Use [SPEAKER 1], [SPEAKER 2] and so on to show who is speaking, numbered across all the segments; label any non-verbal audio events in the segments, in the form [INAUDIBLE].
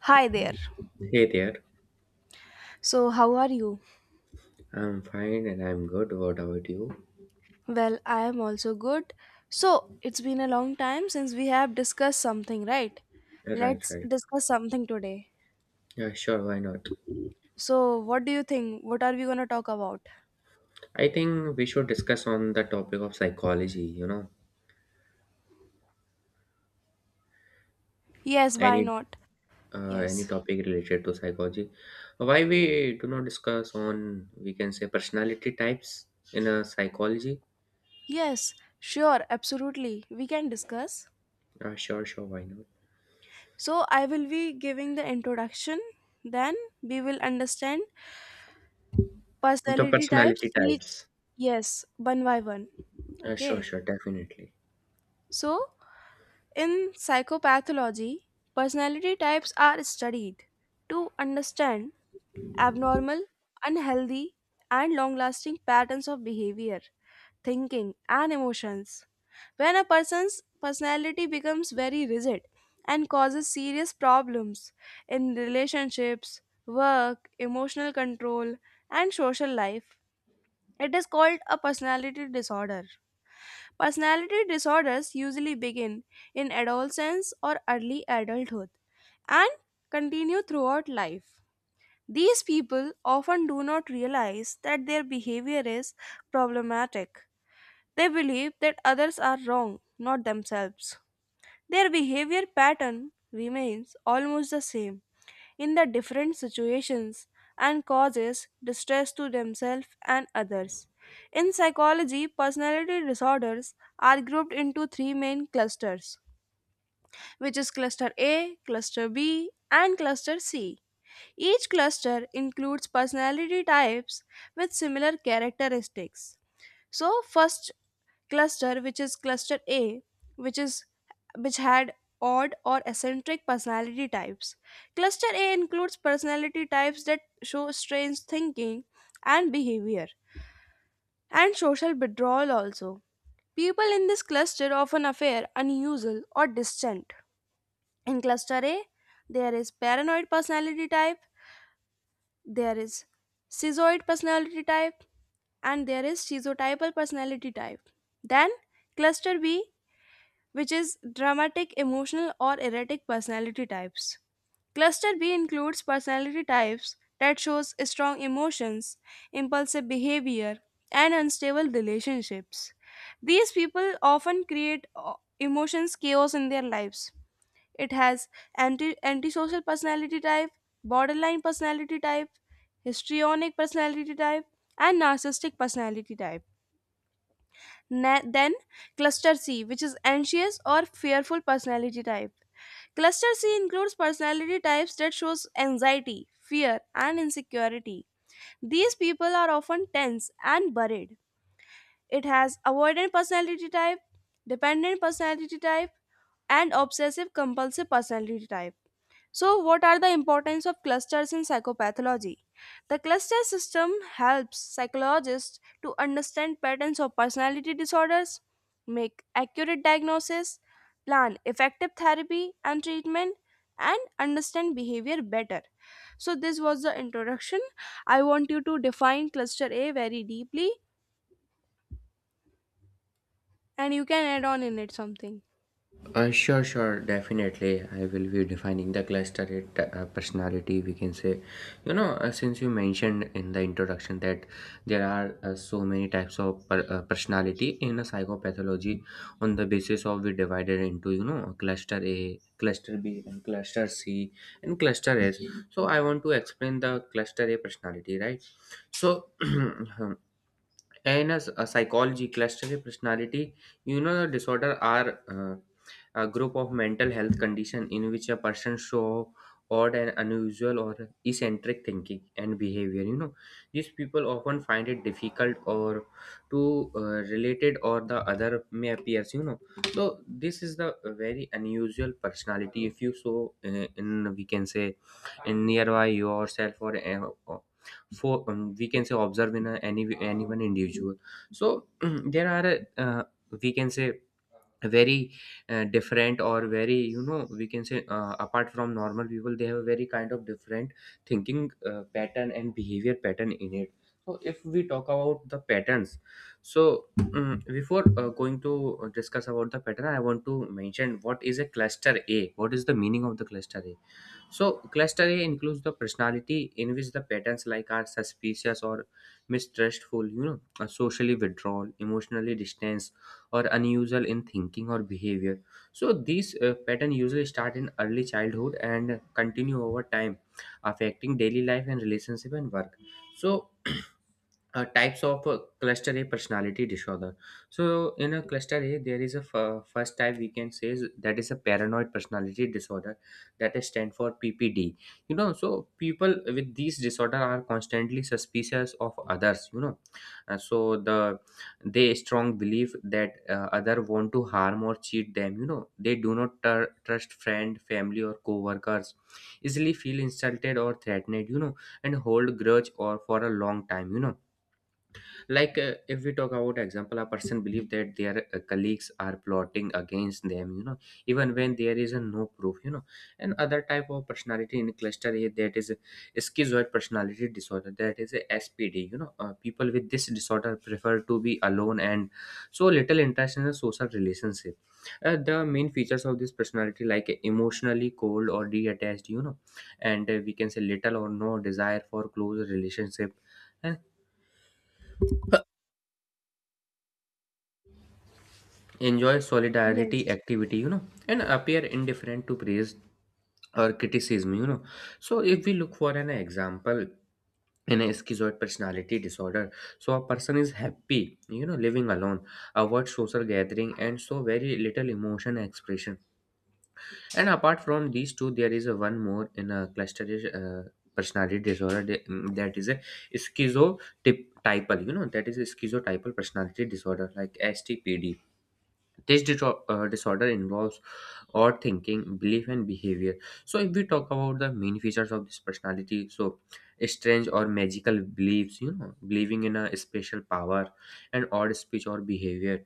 [SPEAKER 1] Hi there.
[SPEAKER 2] Hey there.
[SPEAKER 1] So, how are you?
[SPEAKER 2] I'm fine and I'm good. What about you?
[SPEAKER 1] Well, I am also good. So, it's been a long time since we have discussed something, right?
[SPEAKER 2] Right,
[SPEAKER 1] Let's
[SPEAKER 2] right.
[SPEAKER 1] discuss something today.
[SPEAKER 2] Yeah, sure, why not?
[SPEAKER 1] So, what do you think? What are we going to talk about?
[SPEAKER 2] I think we should discuss on the topic of psychology, you know,
[SPEAKER 1] Yes, why
[SPEAKER 2] any
[SPEAKER 1] not?
[SPEAKER 2] any
[SPEAKER 1] Yes.
[SPEAKER 2] topic related to psychology. Why we do not discuss on we can say personality types in a psychology?
[SPEAKER 1] Yes, sure, absolutely. We can discuss.
[SPEAKER 2] Sure, why not?
[SPEAKER 1] So, I will be giving the introduction, then we will understand
[SPEAKER 2] The
[SPEAKER 1] personality types
[SPEAKER 2] personality
[SPEAKER 1] each,
[SPEAKER 2] types.
[SPEAKER 1] yes, one by one. Okay.
[SPEAKER 2] Sure, definitely.
[SPEAKER 1] So, in psychopathology, personality types are studied to understand abnormal, unhealthy, and long lasting patterns of behavior, thinking, and emotions. When a person's personality becomes very rigid and causes serious problems in relationships, work, emotional control, and social life, it is called a personality disorder. Personality disorders usually begin in adolescence or early adulthood and continue throughout life. These people often do not realize that their behavior is problematic. They believe that others are wrong, not themselves. Their behavior pattern remains almost the same in the different situations and causes distress to themselves and others. In psychology, personality disorders are grouped into three main clusters, which is cluster A, cluster B, and cluster C. Each cluster includes personality types with similar characteristics. So, first cluster which is cluster A which is which had odd or eccentric personality types. Cluster A includes personality types that show strange thinking and behavior and social withdrawal also. People in this cluster often appear unusual or distant. In cluster A, there is paranoid personality type, there is schizoid personality type, and there is schizotypal personality type. Then cluster B which is dramatic, emotional, or erratic personality types. Cluster B includes personality types that shows strong emotions, impulsive behavior, and unstable relationships. These people often create emotions chaos in their lives. It has antisocial personality type, borderline personality type, histrionic personality type, and narcissistic personality type. Then cluster C, which is anxious or fearful personality type. Cluster C includes personality types that shows anxiety, fear, and insecurity. These people are often tense and worried. It has avoidant personality type, dependent personality type, and obsessive compulsive personality type. So, what are the importance of clusters in psychopathology? The cluster system helps psychologists to understand patterns of personality disorders, make accurate diagnosis, plan effective therapy and treatment, and understand behavior better. So, this was the introduction. I want you to define cluster A very deeply and you can add on in it something.
[SPEAKER 2] Sure, definitely. I will be defining the cluster it, personality, we can say. You know, since you mentioned in the introduction that there are so many types of personality in a psychopathology, on the basis of we divided into, you know, cluster A, cluster B, and cluster C, and cluster S. So, I want to explain the cluster A personality, right? So, [CLEARS THROAT] in a psychology cluster personality, you know, disorder are a group of mental health condition in which a person show odd and unusual or eccentric thinking and behavior, you know. These people often find it difficult or to related or the other may appears, you know. So this is the very unusual personality if you so in we can say in nearby yourself or for we can say observe in a, any one individual. So [CLEARS THROAT] there are we can say very different or very, you know, we can say apart from normal people they have a very kind of different thinking pattern and behavior pattern in it. So if we talk about the patterns, so before going to discuss about the pattern, I want to mention what is a cluster A, what is the meaning of the cluster A. So, cluster A includes the personality in which the patterns like are suspicious or mistrustful, you know, or socially withdrawal, emotionally distanced, or unusual in thinking or behavior. So, these patterns usually start in early childhood and continue over time, affecting daily life and relationship and work. So, [CLEARS THROAT] types of cluster A personality disorder. So, in a cluster A, there is a first type we can say is, that is a paranoid personality disorder that is stand for PPD. You know, so people with these disorder are constantly suspicious of others. You know, so the they strong belief that other want to harm or cheat them. You know, they do not trust friend, family, or co-workers. Easily feel insulted or threatened. You know, and hold grudge or for a long time. You know, like if we talk about example, a person believe that their colleagues are plotting against them, you know, even when there is a no proof, you know. And other type of personality in cluster A, that is a schizoid personality disorder, that is a SPD, you know. People with this disorder prefer to be alone and so little interest in a social relationship. The main features of this personality like emotionally cold or detached, you know, and we can say little or no desire for close relationship, and enjoy solidarity
[SPEAKER 1] Yes.
[SPEAKER 2] activity, you know, and appear indifferent to praise or criticism, you know. So if we look for an example in a schizoid personality disorder, so a person is happy, you know, living alone, avoid social gathering and so very little emotion expression. And apart from these two, there is a one more in a cluster uh, personality disorder that is a schizotypal, you know, that is a schizotypal personality disorder, like STPD. This disorder involves odd thinking, belief, and behavior. So, if we talk about the main features of this personality, so strange or magical beliefs, you know, believing in a special power, and odd speech or behavior,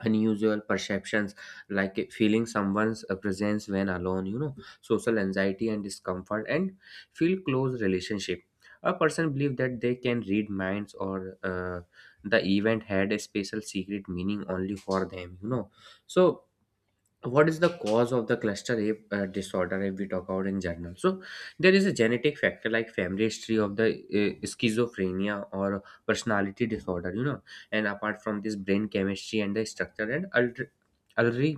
[SPEAKER 2] unusual perceptions like feeling someone's presence when alone, you know, social anxiety and discomfort, and feel close relationship. A person believe that they can read minds, or the event had a special secret meaning only for them, you know. So what is the cause of the cluster rape disorder if we talk about in general? So there is a genetic factor like family history of the schizophrenia or personality disorder, you know. And apart from this, brain chemistry and the structure, and ultra, early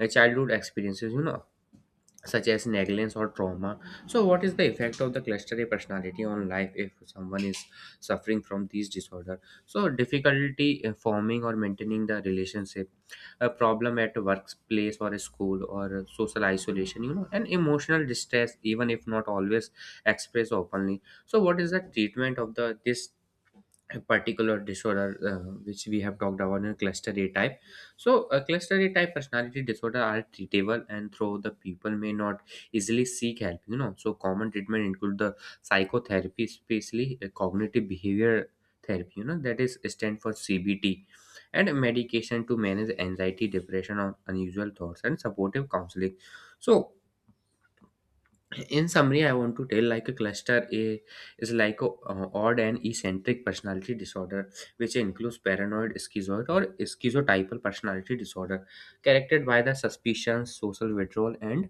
[SPEAKER 2] childhood experiences, you know, such as negligence or trauma. So, what is the effect of the cluster A personality on life if someone is suffering from these disorder? So, difficulty in forming or maintaining the relationship, a problem at a workplace or a school, or a social isolation, you know, and emotional distress, even if not always expressed openly. So, what is the treatment of the this a particular disorder which we have talked about in cluster A type? So, a cluster A type personality disorder are treatable, and though the people may not easily seek help, you know. So, common treatment include the psychotherapy, especially cognitive behavior therapy, you know, that is stand for CBT, and medication to manage anxiety, depression, or unusual thoughts, and supportive counseling. So in summary, I want to tell, like a cluster A is like a odd and eccentric personality disorder which includes paranoid, schizoid, or schizotypal personality disorder, characterized by the suspicions, social withdrawal, and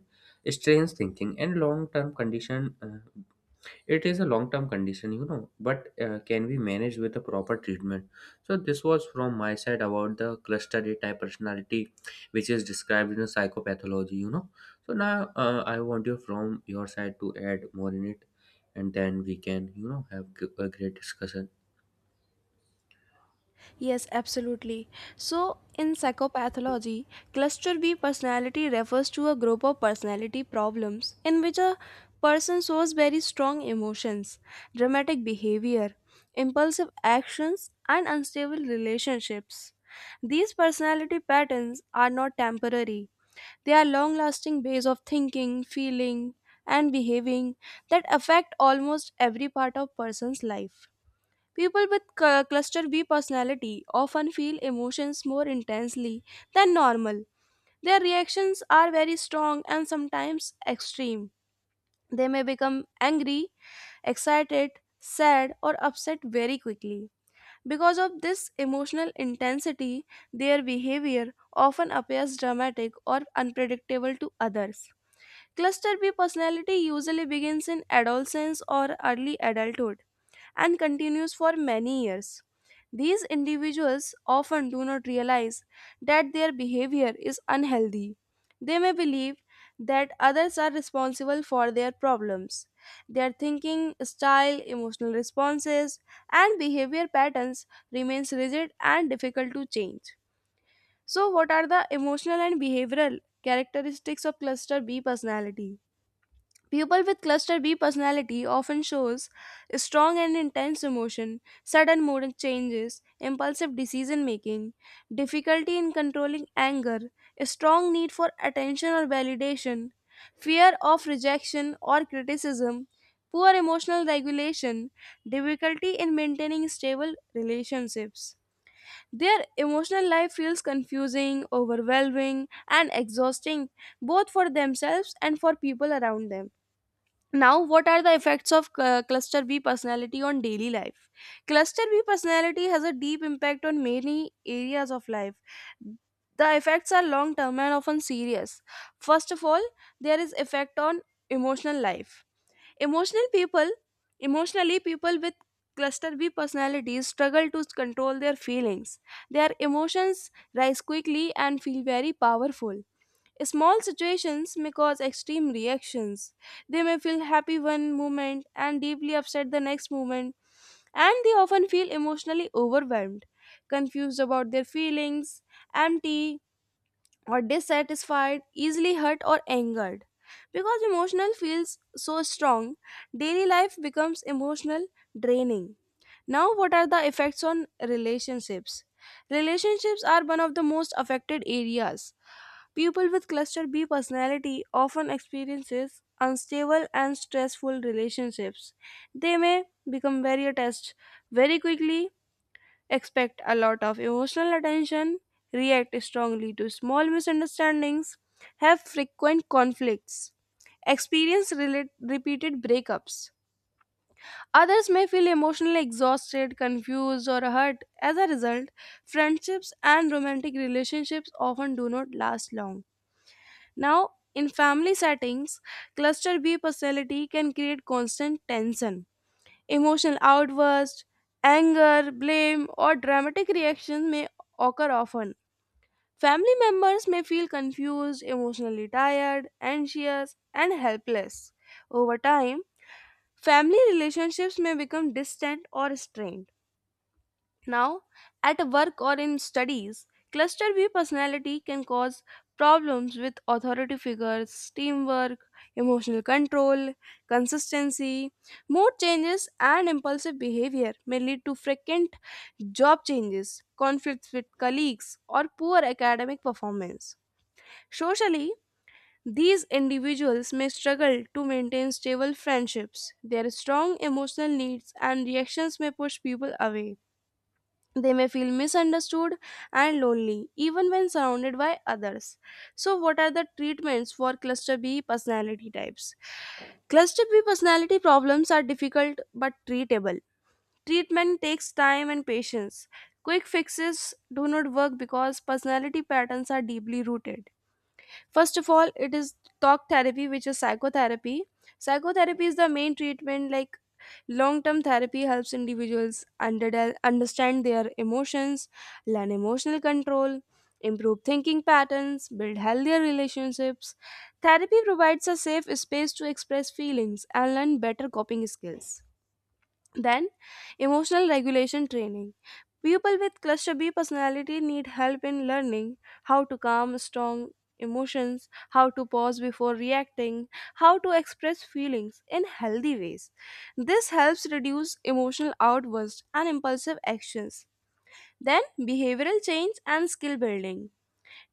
[SPEAKER 2] strange thinking and long-term condition. It is a long term condition, you know, but can be managed with a proper treatment. So this was from my side about the cluster A type personality, which is described in a psychopathology, you know. So now I want you from your side to add more in it, and then we can, you know, have a great discussion.
[SPEAKER 1] Yes, absolutely. So, in psychopathology, cluster B personality refers to a group of personality problems in which a person shows very strong emotions, dramatic behavior, impulsive actions, and unstable relationships. These personality patterns are not temporary, they are long lasting ways of thinking, feeling, and behaving that affect almost every part of person's life. People with cluster B personality often feel emotions more intensely than normal. Their reactions are very strong and sometimes extreme. They may become angry, excited, sad, or upset very quickly. Because of this emotional intensity, their behavior often appears dramatic or unpredictable to others. Cluster B personality usually begins in adolescence or early adulthood and continues for many years. These individuals often do not realize that their behavior is unhealthy. They may believe that others are responsible for their problems. Their thinking, style, emotional responses, and behavior patterns remains rigid and difficult to change. So what are the emotional and behavioral characteristics of cluster B personality? People with cluster B personality often shows strong and intense emotion, sudden mood changes, impulsive decision making, difficulty in controlling anger, a strong need for attention or validation, fear of rejection or criticism, poor emotional regulation, difficulty in maintaining stable relationships. Their emotional life feels confusing, overwhelming, and exhausting both for themselves and for people around them. Now, what are the effects of cluster B personality on daily life? Cluster B personality has a deep impact on many areas of life. The effects are long term and often serious. First of all, there is effect on emotional life. Emotional people, emotionally people with cluster B personalities struggle to control their feelings. Their emotions rise quickly and feel very powerful. Small situations may cause extreme reactions. They may feel happy one moment and deeply upset the next moment, and they often feel emotionally overwhelmed, confused about their feelings, empty, or dissatisfied, easily hurt or angered. Because emotional feels so strong, daily life becomes emotional draining. Now, what are the effects on relationships? Relationships are one of the most affected areas. People with cluster B personality often experiences unstable and stressful relationships. They may become very attached very quickly expect a lot of emotional attention, react strongly to small misunderstandings, have frequent conflicts, experience repeated breakups. Others may feel emotionally exhausted, confused, or hurt. As a result, friendships and romantic relationships often do not last long. Now, in family settings, cluster B personality can create constant tension. Emotional outbursts, anger, blame, or dramatic reactions may occur often. Family members may feel confused, emotionally tired, anxious, and helpless. Over time, family relationships may become distant or strained. Now, at work or in studies, cluster B personality can cause problems with authority figures, teamwork, emotional control, consistency, mood changes, and impulsive behavior may lead to frequent job changes, conflicts with colleagues, or poor academic performance. Socially, these individuals may struggle to maintain stable friendships. Their strong emotional needs and reactions may push people away. They may feel misunderstood and lonely, even when surrounded by others. So, what are the treatments for cluster B personality types? Cluster B personality problems are difficult but treatable. Treatment takes time and patience. Quick fixes do not work because personality patterns are deeply rooted. First of all, it is talk therapy, which is psychotherapy. Psychotherapy is the main treatment, like long term therapy helps individuals understand their emotions, learn emotional control, improve thinking patterns, build healthier relationships. Therapy provides a safe space to express feelings and learn better coping skills. Then, emotional regulation training. People with cluster B personality need help in learning how to calm strong emotions, how to pause before reacting, how to express feelings in healthy ways. This helps reduce emotional outbursts and impulsive actions. Then, behavioral change and skill building.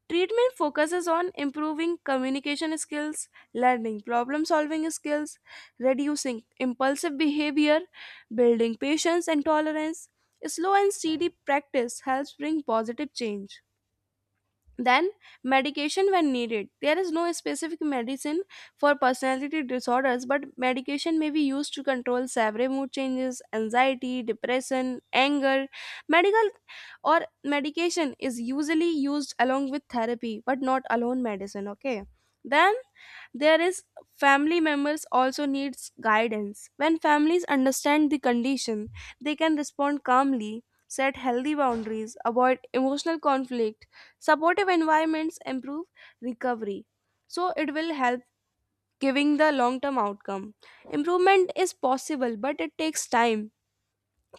[SPEAKER 1] Treatment focuses on improving communication skills, learning problem solving skills, reducing impulsive behavior, building patience and tolerance. Slow and steady practice helps bring positive change. Then, medication when needed. There is no specific medicine for personality disorders, but medication may be used to control severe mood changes, anxiety, depression, anger. Medical or medication is usually used along with therapy, but not alone medicine. Okay. Then there is family members also needs guidance. When families understand the condition, they can respond calmly, set healthy boundaries, avoid emotional conflict. Supportive environments improve recovery, so it will help giving the long term outcome. Improvement is possible, but it takes time,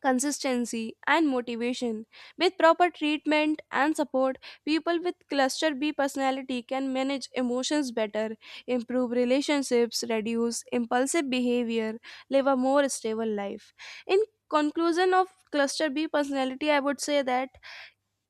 [SPEAKER 1] consistency, and motivation. With proper treatment and support, people with cluster B personality can manage emotions better, improve relationships, reduce impulsive behavior, live a more stable life. In conclusion of cluster B personality, I would say that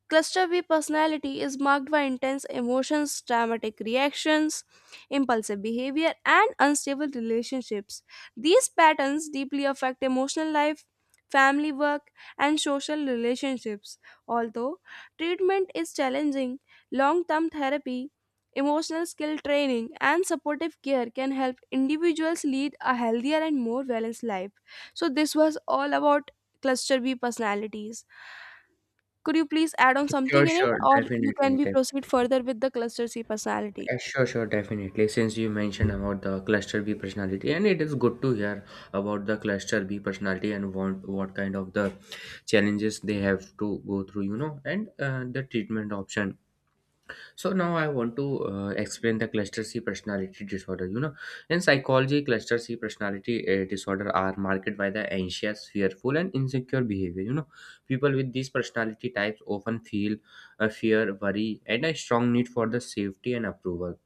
[SPEAKER 1] cluster B personality is marked by intense emotions, dramatic reactions, impulsive behavior, and unstable relationships. These patterns deeply affect emotional life, family work, and social relationships. Although treatment is challenging, long term therapy, emotional skill training, and supportive care can help individuals lead a healthier and more balanced life. So, this was all about cluster B personalities. Could you please add on
[SPEAKER 2] sure
[SPEAKER 1] something in it,
[SPEAKER 2] sure
[SPEAKER 1] or you
[SPEAKER 2] definitely
[SPEAKER 1] can be
[SPEAKER 2] definitely
[SPEAKER 1] proceed further with the cluster C personality?
[SPEAKER 2] Since you mentioned about the cluster B personality, and it is good to hear about the cluster B personality and what kind of the challenges they have to go through, you know, and the treatment option. So now I want to explain the cluster C personality disorder, you know. In psychology, cluster C personality disorder are marked by the anxious, fearful, and insecure behavior, you know. People with these personality types often feel a fear, worry, and a strong need for the safety and approval.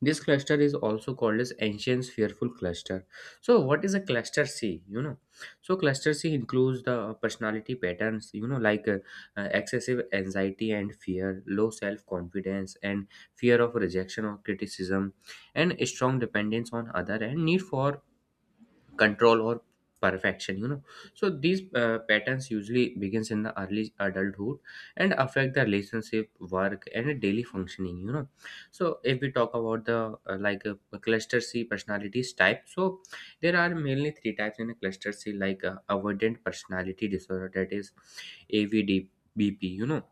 [SPEAKER 2] This cluster is also called as ancient fearful cluster. So what is a cluster C? You know, so cluster C includes the personality patterns. You know, like excessive anxiety and fear, low self confidence, and fear of rejection or criticism, and strong dependence on other, and need for control or perfection, you know. So these patterns usually begins in the early adulthood and affect the relationship, work, and daily functioning, you know. So if we talk about the uh, like uh, cluster C personalities type, so there are mainly three types in a cluster C, like avoidant personality disorder, that is avd bp you know.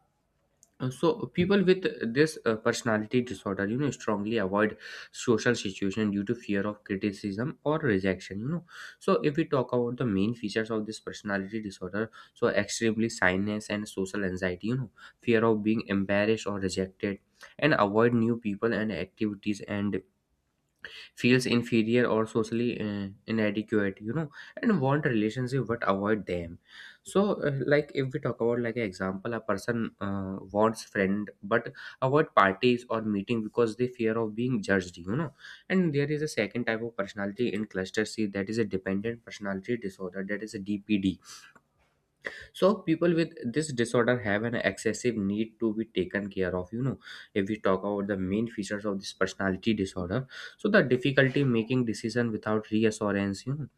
[SPEAKER 2] So people with this personality disorder, you know, strongly avoid social situation due to fear of criticism or rejection. You know, so if we talk about the main features of this personality disorder, so extremely shyness and social anxiety. You know, fear of being embarrassed or rejected, and avoid new people and activities, and feels inferior or socially inadequate, you know, and want a relationship but avoid them. So like if we talk about like an example, a person wants friend but avoid parties or meeting because they fear of being judged, you know. And there is a second type of personality in cluster C, that is a dependent personality disorder, that is a DPD. So people with this disorder have an excessive need to be taken care of, you know. If we talk about the main features of this personality disorder, so the difficulty making decision without reassurance, you know,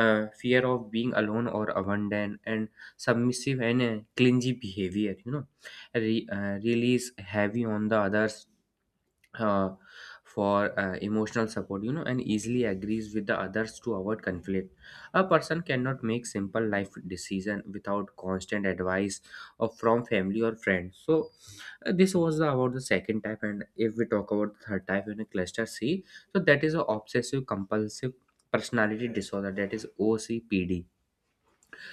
[SPEAKER 2] fear of being alone or abandoned, and submissive and clingy behavior, you know, release heavy on the others uh, for emotional support, you know, and easily agrees with the others to avoid conflict. A person cannot make simple life decision without constant advice or from family or friends. So this was about the second type. And if we talk about the third type in a cluster C, so that is a obsessive compulsive personality disorder, that is OCPD.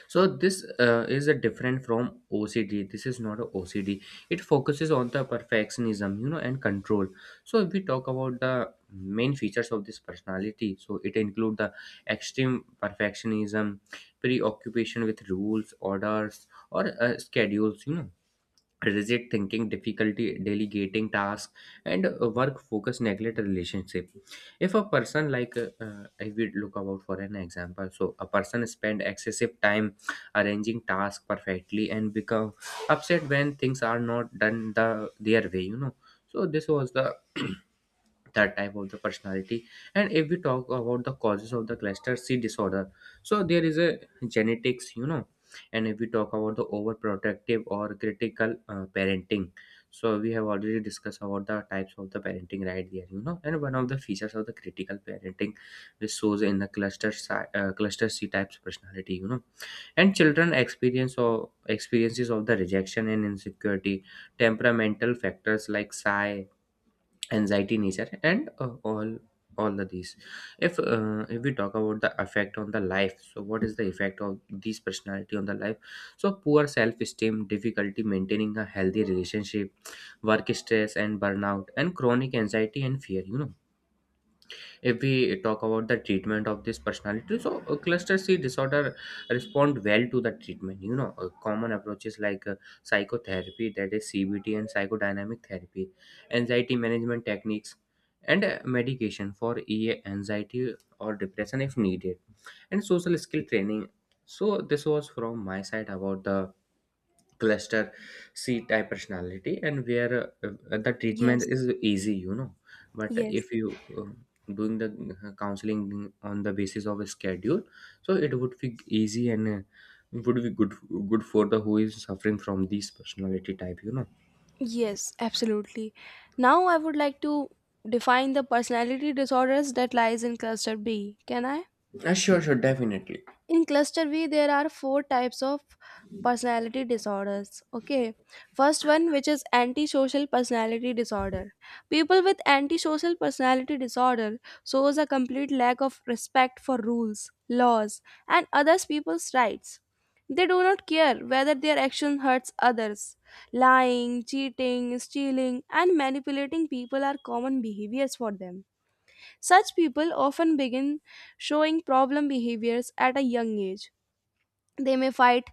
[SPEAKER 2] So this is a different from OCD, this is not a OCD. It focuses on the perfectionism, you know, and control. So if we talk about the main features of this personality, so it include the extreme perfectionism, preoccupation with rules, orders, or schedules, you know, rigid thinking, difficulty delegating tasks, and work focus, neglect relationship. If a person like I will look about for an example, so a person spend excessive time arranging tasks perfectly and become upset when things are not done the their way, you know. So this was the [CLEARS THROAT] that type of the personality. And if we talk about the causes of the cluster C disorder, so there is a genetics, you know. And if we talk about the overprotective or critical parenting, so we have already discussed about the types of the parenting right there, and one of the features of the critical parenting which shows in the cluster C types personality, you know. And children experience or experiences of the rejection and insecurity, temperamental factors like shy, anxiety nature and all the these. If we talk about the effect on the life, so what is the effect of these personality on the life? So poor self-esteem, difficulty maintaining a healthy relationship, work stress and burnout, and chronic anxiety and fear, you know. If we talk about the treatment of this personality, so cluster C disorder respond well to the treatment, you know. Common approaches like psychotherapy, that is CBT and psychodynamic therapy, anxiety management techniques, and medication for ea anxiety or depression if needed, and social skill training. So this was from my side about the cluster C type personality, and where the treatment
[SPEAKER 1] Yes,
[SPEAKER 2] is easy, you know. But
[SPEAKER 1] yes.
[SPEAKER 2] if you doing the counseling on the basis of a schedule, so it would be easy and would be good for the who is suffering from these personality type, you know.
[SPEAKER 1] Yes, absolutely. Now I would like to define the personality disorders that lies in cluster B. Can I?
[SPEAKER 2] Sure, sure, definitely.
[SPEAKER 1] In cluster B there are four types of personality disorders. Okay. First one which is antisocial personality disorder. People with antisocial personality disorder shows a complete lack of respect for rules, laws, and others people's rights. They do not care whether their action hurts others. Lying, cheating, stealing, and manipulating people are common behaviors for them. Such people often begin showing problem behaviors at a young age. They may fight,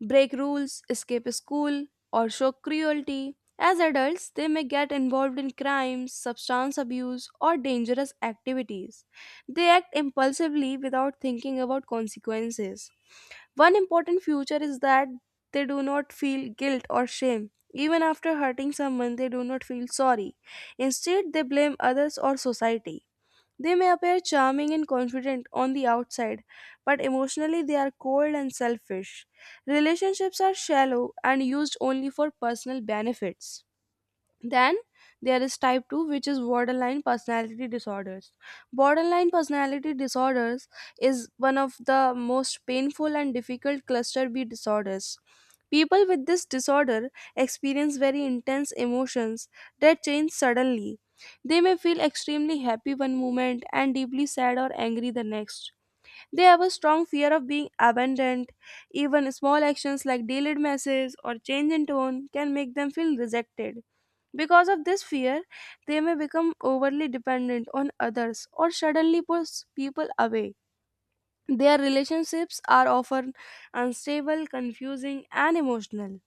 [SPEAKER 1] break rules, escape school, or show cruelty. As adults, they may get involved in crimes, substance abuse, or dangerous activities. They act impulsively without thinking about consequences. One important feature is that they do not feel guilt or shame. Even after hurting someone, they do not feel sorry. Instead, they blame others or society. They may appear charming and confident on the outside, but emotionally they are cold and selfish. Relationships are shallow and used only for personal benefits. Then there is type 2, which is borderline personality disorders. Borderline personality disorders is one of the most painful and difficult cluster B disorders. People with this disorder experience very intense emotions that change suddenly. They may feel extremely happy one moment and deeply sad or angry the next. They have a strong fear of being abandoned. Even small actions like delayed messages or change in tone can make them feel rejected. Because of this fear, they may become overly dependent on others or suddenly push people away. Their relationships are often unstable, confusing, and emotional.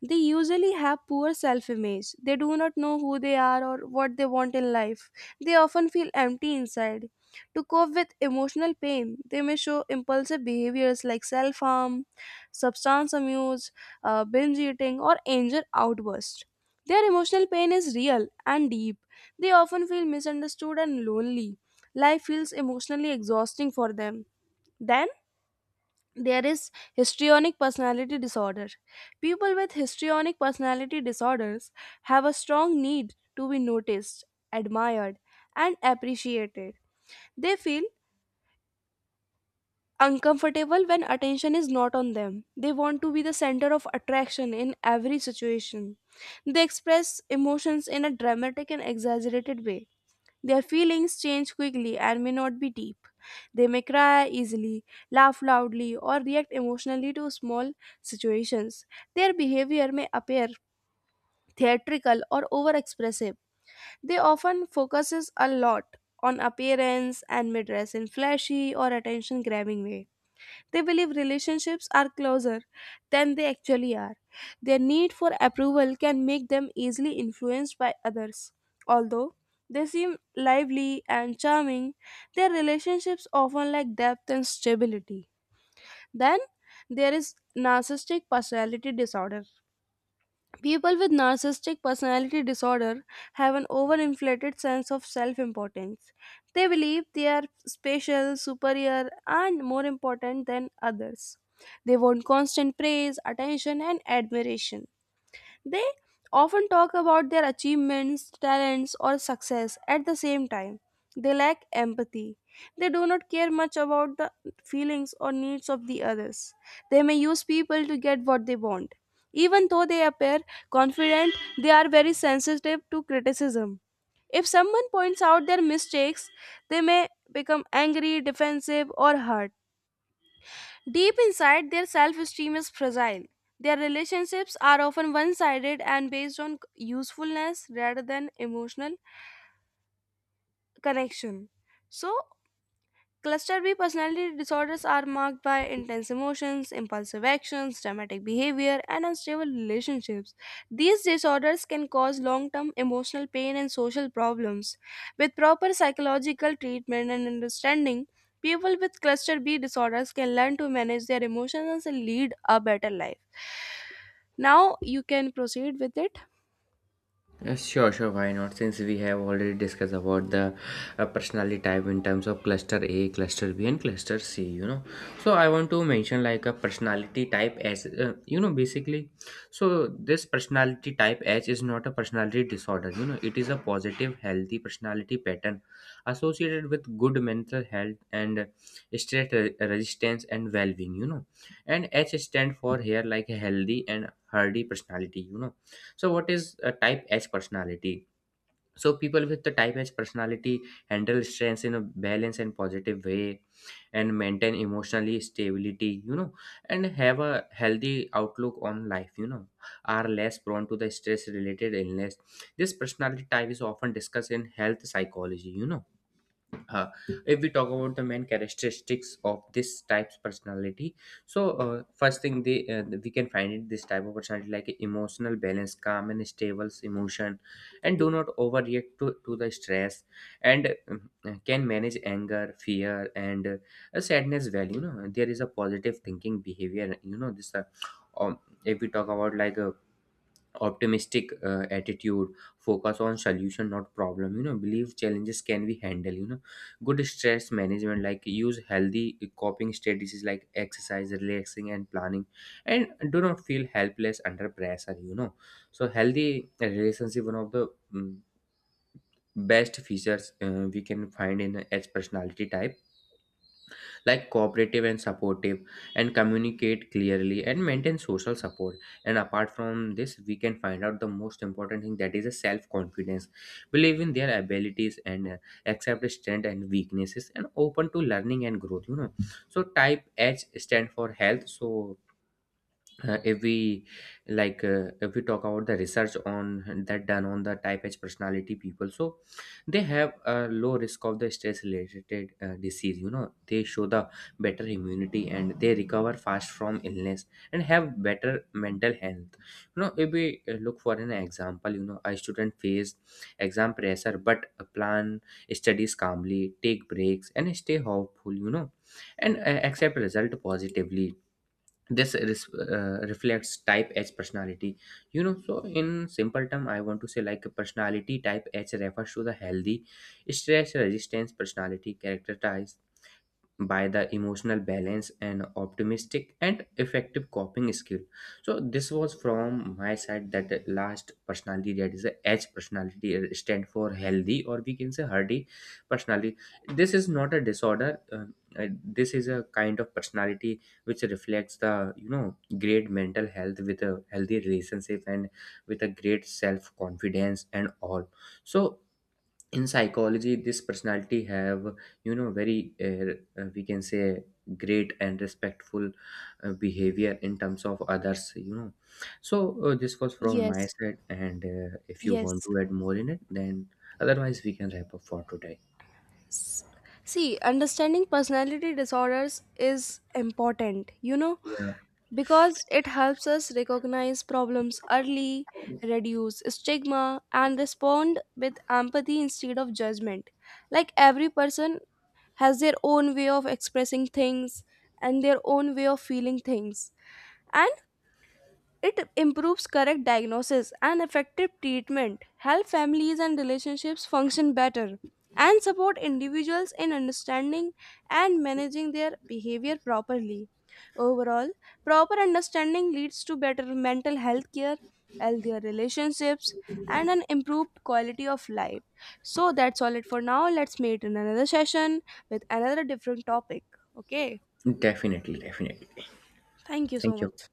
[SPEAKER 1] They usually have poor self image. They do not know who they are or what they want in life. They often feel empty inside. To cope with emotional pain, they may show impulsive behaviors like self harm, substance abuse, binge eating, or anger outburst. Their emotional pain is real and deep. They often feel misunderstood and lonely. Life feels emotionally exhausting for them. Then, there is histrionic personality disorder. People with histrionic personality disorders have a strong need to be noticed, admired, and appreciated. They feel uncomfortable when attention is not on them. They want to be the center of attraction in every situation. They express emotions in a dramatic and exaggerated way. Their feelings change quickly and may not be deep. They may cry easily, laugh loudly, or react emotionally to small situations. Their behavior may appear theatrical or overexpressive. They often focuses a lot on appearance and may dress in flashy or attention-grabbing way. They believe relationships are closer than they actually are. Their need for approval can make them easily influenced by others. Although they seem lively and charming, their relationships often lack depth and stability. Then there is narcissistic personality disorder. People with narcissistic personality disorder have an overinflated sense of self importance. They believe they are special, superior, and more important than others. They want constant praise, attention, and admiration. They often talk about their achievements, talents, or success at the same time. They lack empathy. They do not care much about the feelings or needs of the others. They may use people to get what they want. Even though they appear confident, they are very sensitive to criticism. If someone points out their mistakes, they may become angry, defensive, or hurt. Deep inside, their self esteem is fragile. Their relationships are often one sided and based on usefulness rather than emotional connection. So, cluster B personality disorders are marked by intense emotions, impulsive actions, dramatic behavior, and unstable relationships. These disorders can cause long term emotional pain and social problems. With proper psychological treatment and understanding, people with cluster B disorders can learn to manage their emotions and lead a better life. Now you can proceed with it.
[SPEAKER 2] Yes, sure, sure. Why not? Since we have already discussed about the personality type in terms of cluster A, cluster B, and cluster C, you know. So I want to mention like a personality type as basically. So this personality type H is not a personality disorder. You know, it is a positive, healthy personality pattern associated with good mental health and stress re- resistance and well-being. You know, and H stand for here like a healthy and hardy personality. You know, so what is a type H personality? So people with the type H personality handle stress in a balanced and positive way and maintain emotionally stability, you know, and have a healthy outlook on life, you know, are less prone to the stress related illness. This personality type is often discussed in health psychology, you know. uh, if we talk about the main characteristics of this type's personality, so first thing they we can find it this type of personality like emotional balance, calm and stable emotion, and do not overreact to the stress and can manage anger, fear and a sadness well, you know. There is a positive thinking behavior, you know. This um, if we talk about like optimistic attitude, focus on solution not problem, you know, believe challenges can be handled, you know. Good stress management, like use healthy coping strategies like exercise, relaxing and planning, and do not feel helpless under pressure, you know. So healthy relationship, one of the mm, best features we can find in as personality type, like cooperative and supportive, and communicate clearly and maintain social support. And apart from this, we can find out the most important thing, that is a self confidence, believe in their abilities and accept strength and weaknesses and open to learning and growth, you know. So type H stand for health. So uh, if we if we talk about the research on that done on the type H personality people, so they have a low risk of the stress related disease, you know. They show the better immunity and they recover fast from illness and have better mental health, you know. If we look for an example, you know, a student face exam pressure but plan studies calmly, take breaks and stay hopeful, you know, and accept result positively. This reflects type H personality, you know. So in simple term, I want to say like personality type H refers to the healthy stress resistance personality, characterized by the emotional balance and optimistic and effective coping skill. So this was from my side, that the last personality, that is the H personality, stand for healthy, or we can say hardy personality. This is not a disorder. This is a kind of personality which reflects the, you know, great mental health with a healthy relationship and with a great self confidence and all. So in psychology this personality have, you know, very we can say great and respectful behavior in terms of others, you know. So this was from my
[SPEAKER 1] Yes,
[SPEAKER 2] side, and if you want
[SPEAKER 1] yes.
[SPEAKER 2] to add more in it, then otherwise we can wrap up for today.
[SPEAKER 1] S- See, understanding personality disorders is important. You know,
[SPEAKER 2] Yeah,
[SPEAKER 1] because it helps us recognize problems early, reduce stigma, and respond with empathy instead of judgment. Like every person has their own way of expressing things and their own way of feeling things. And it improves correct diagnosis and effective treatment, help families and relationships function better, and support individuals in understanding and managing their behavior properly. Overall, proper understanding leads to better mental health care, healthier relationships, and an improved quality of life. So that's all it for now. Let's meet in another session with another different topic. Okay,
[SPEAKER 2] definitely, definitely.
[SPEAKER 1] thank you so
[SPEAKER 2] Thank you.
[SPEAKER 1] much.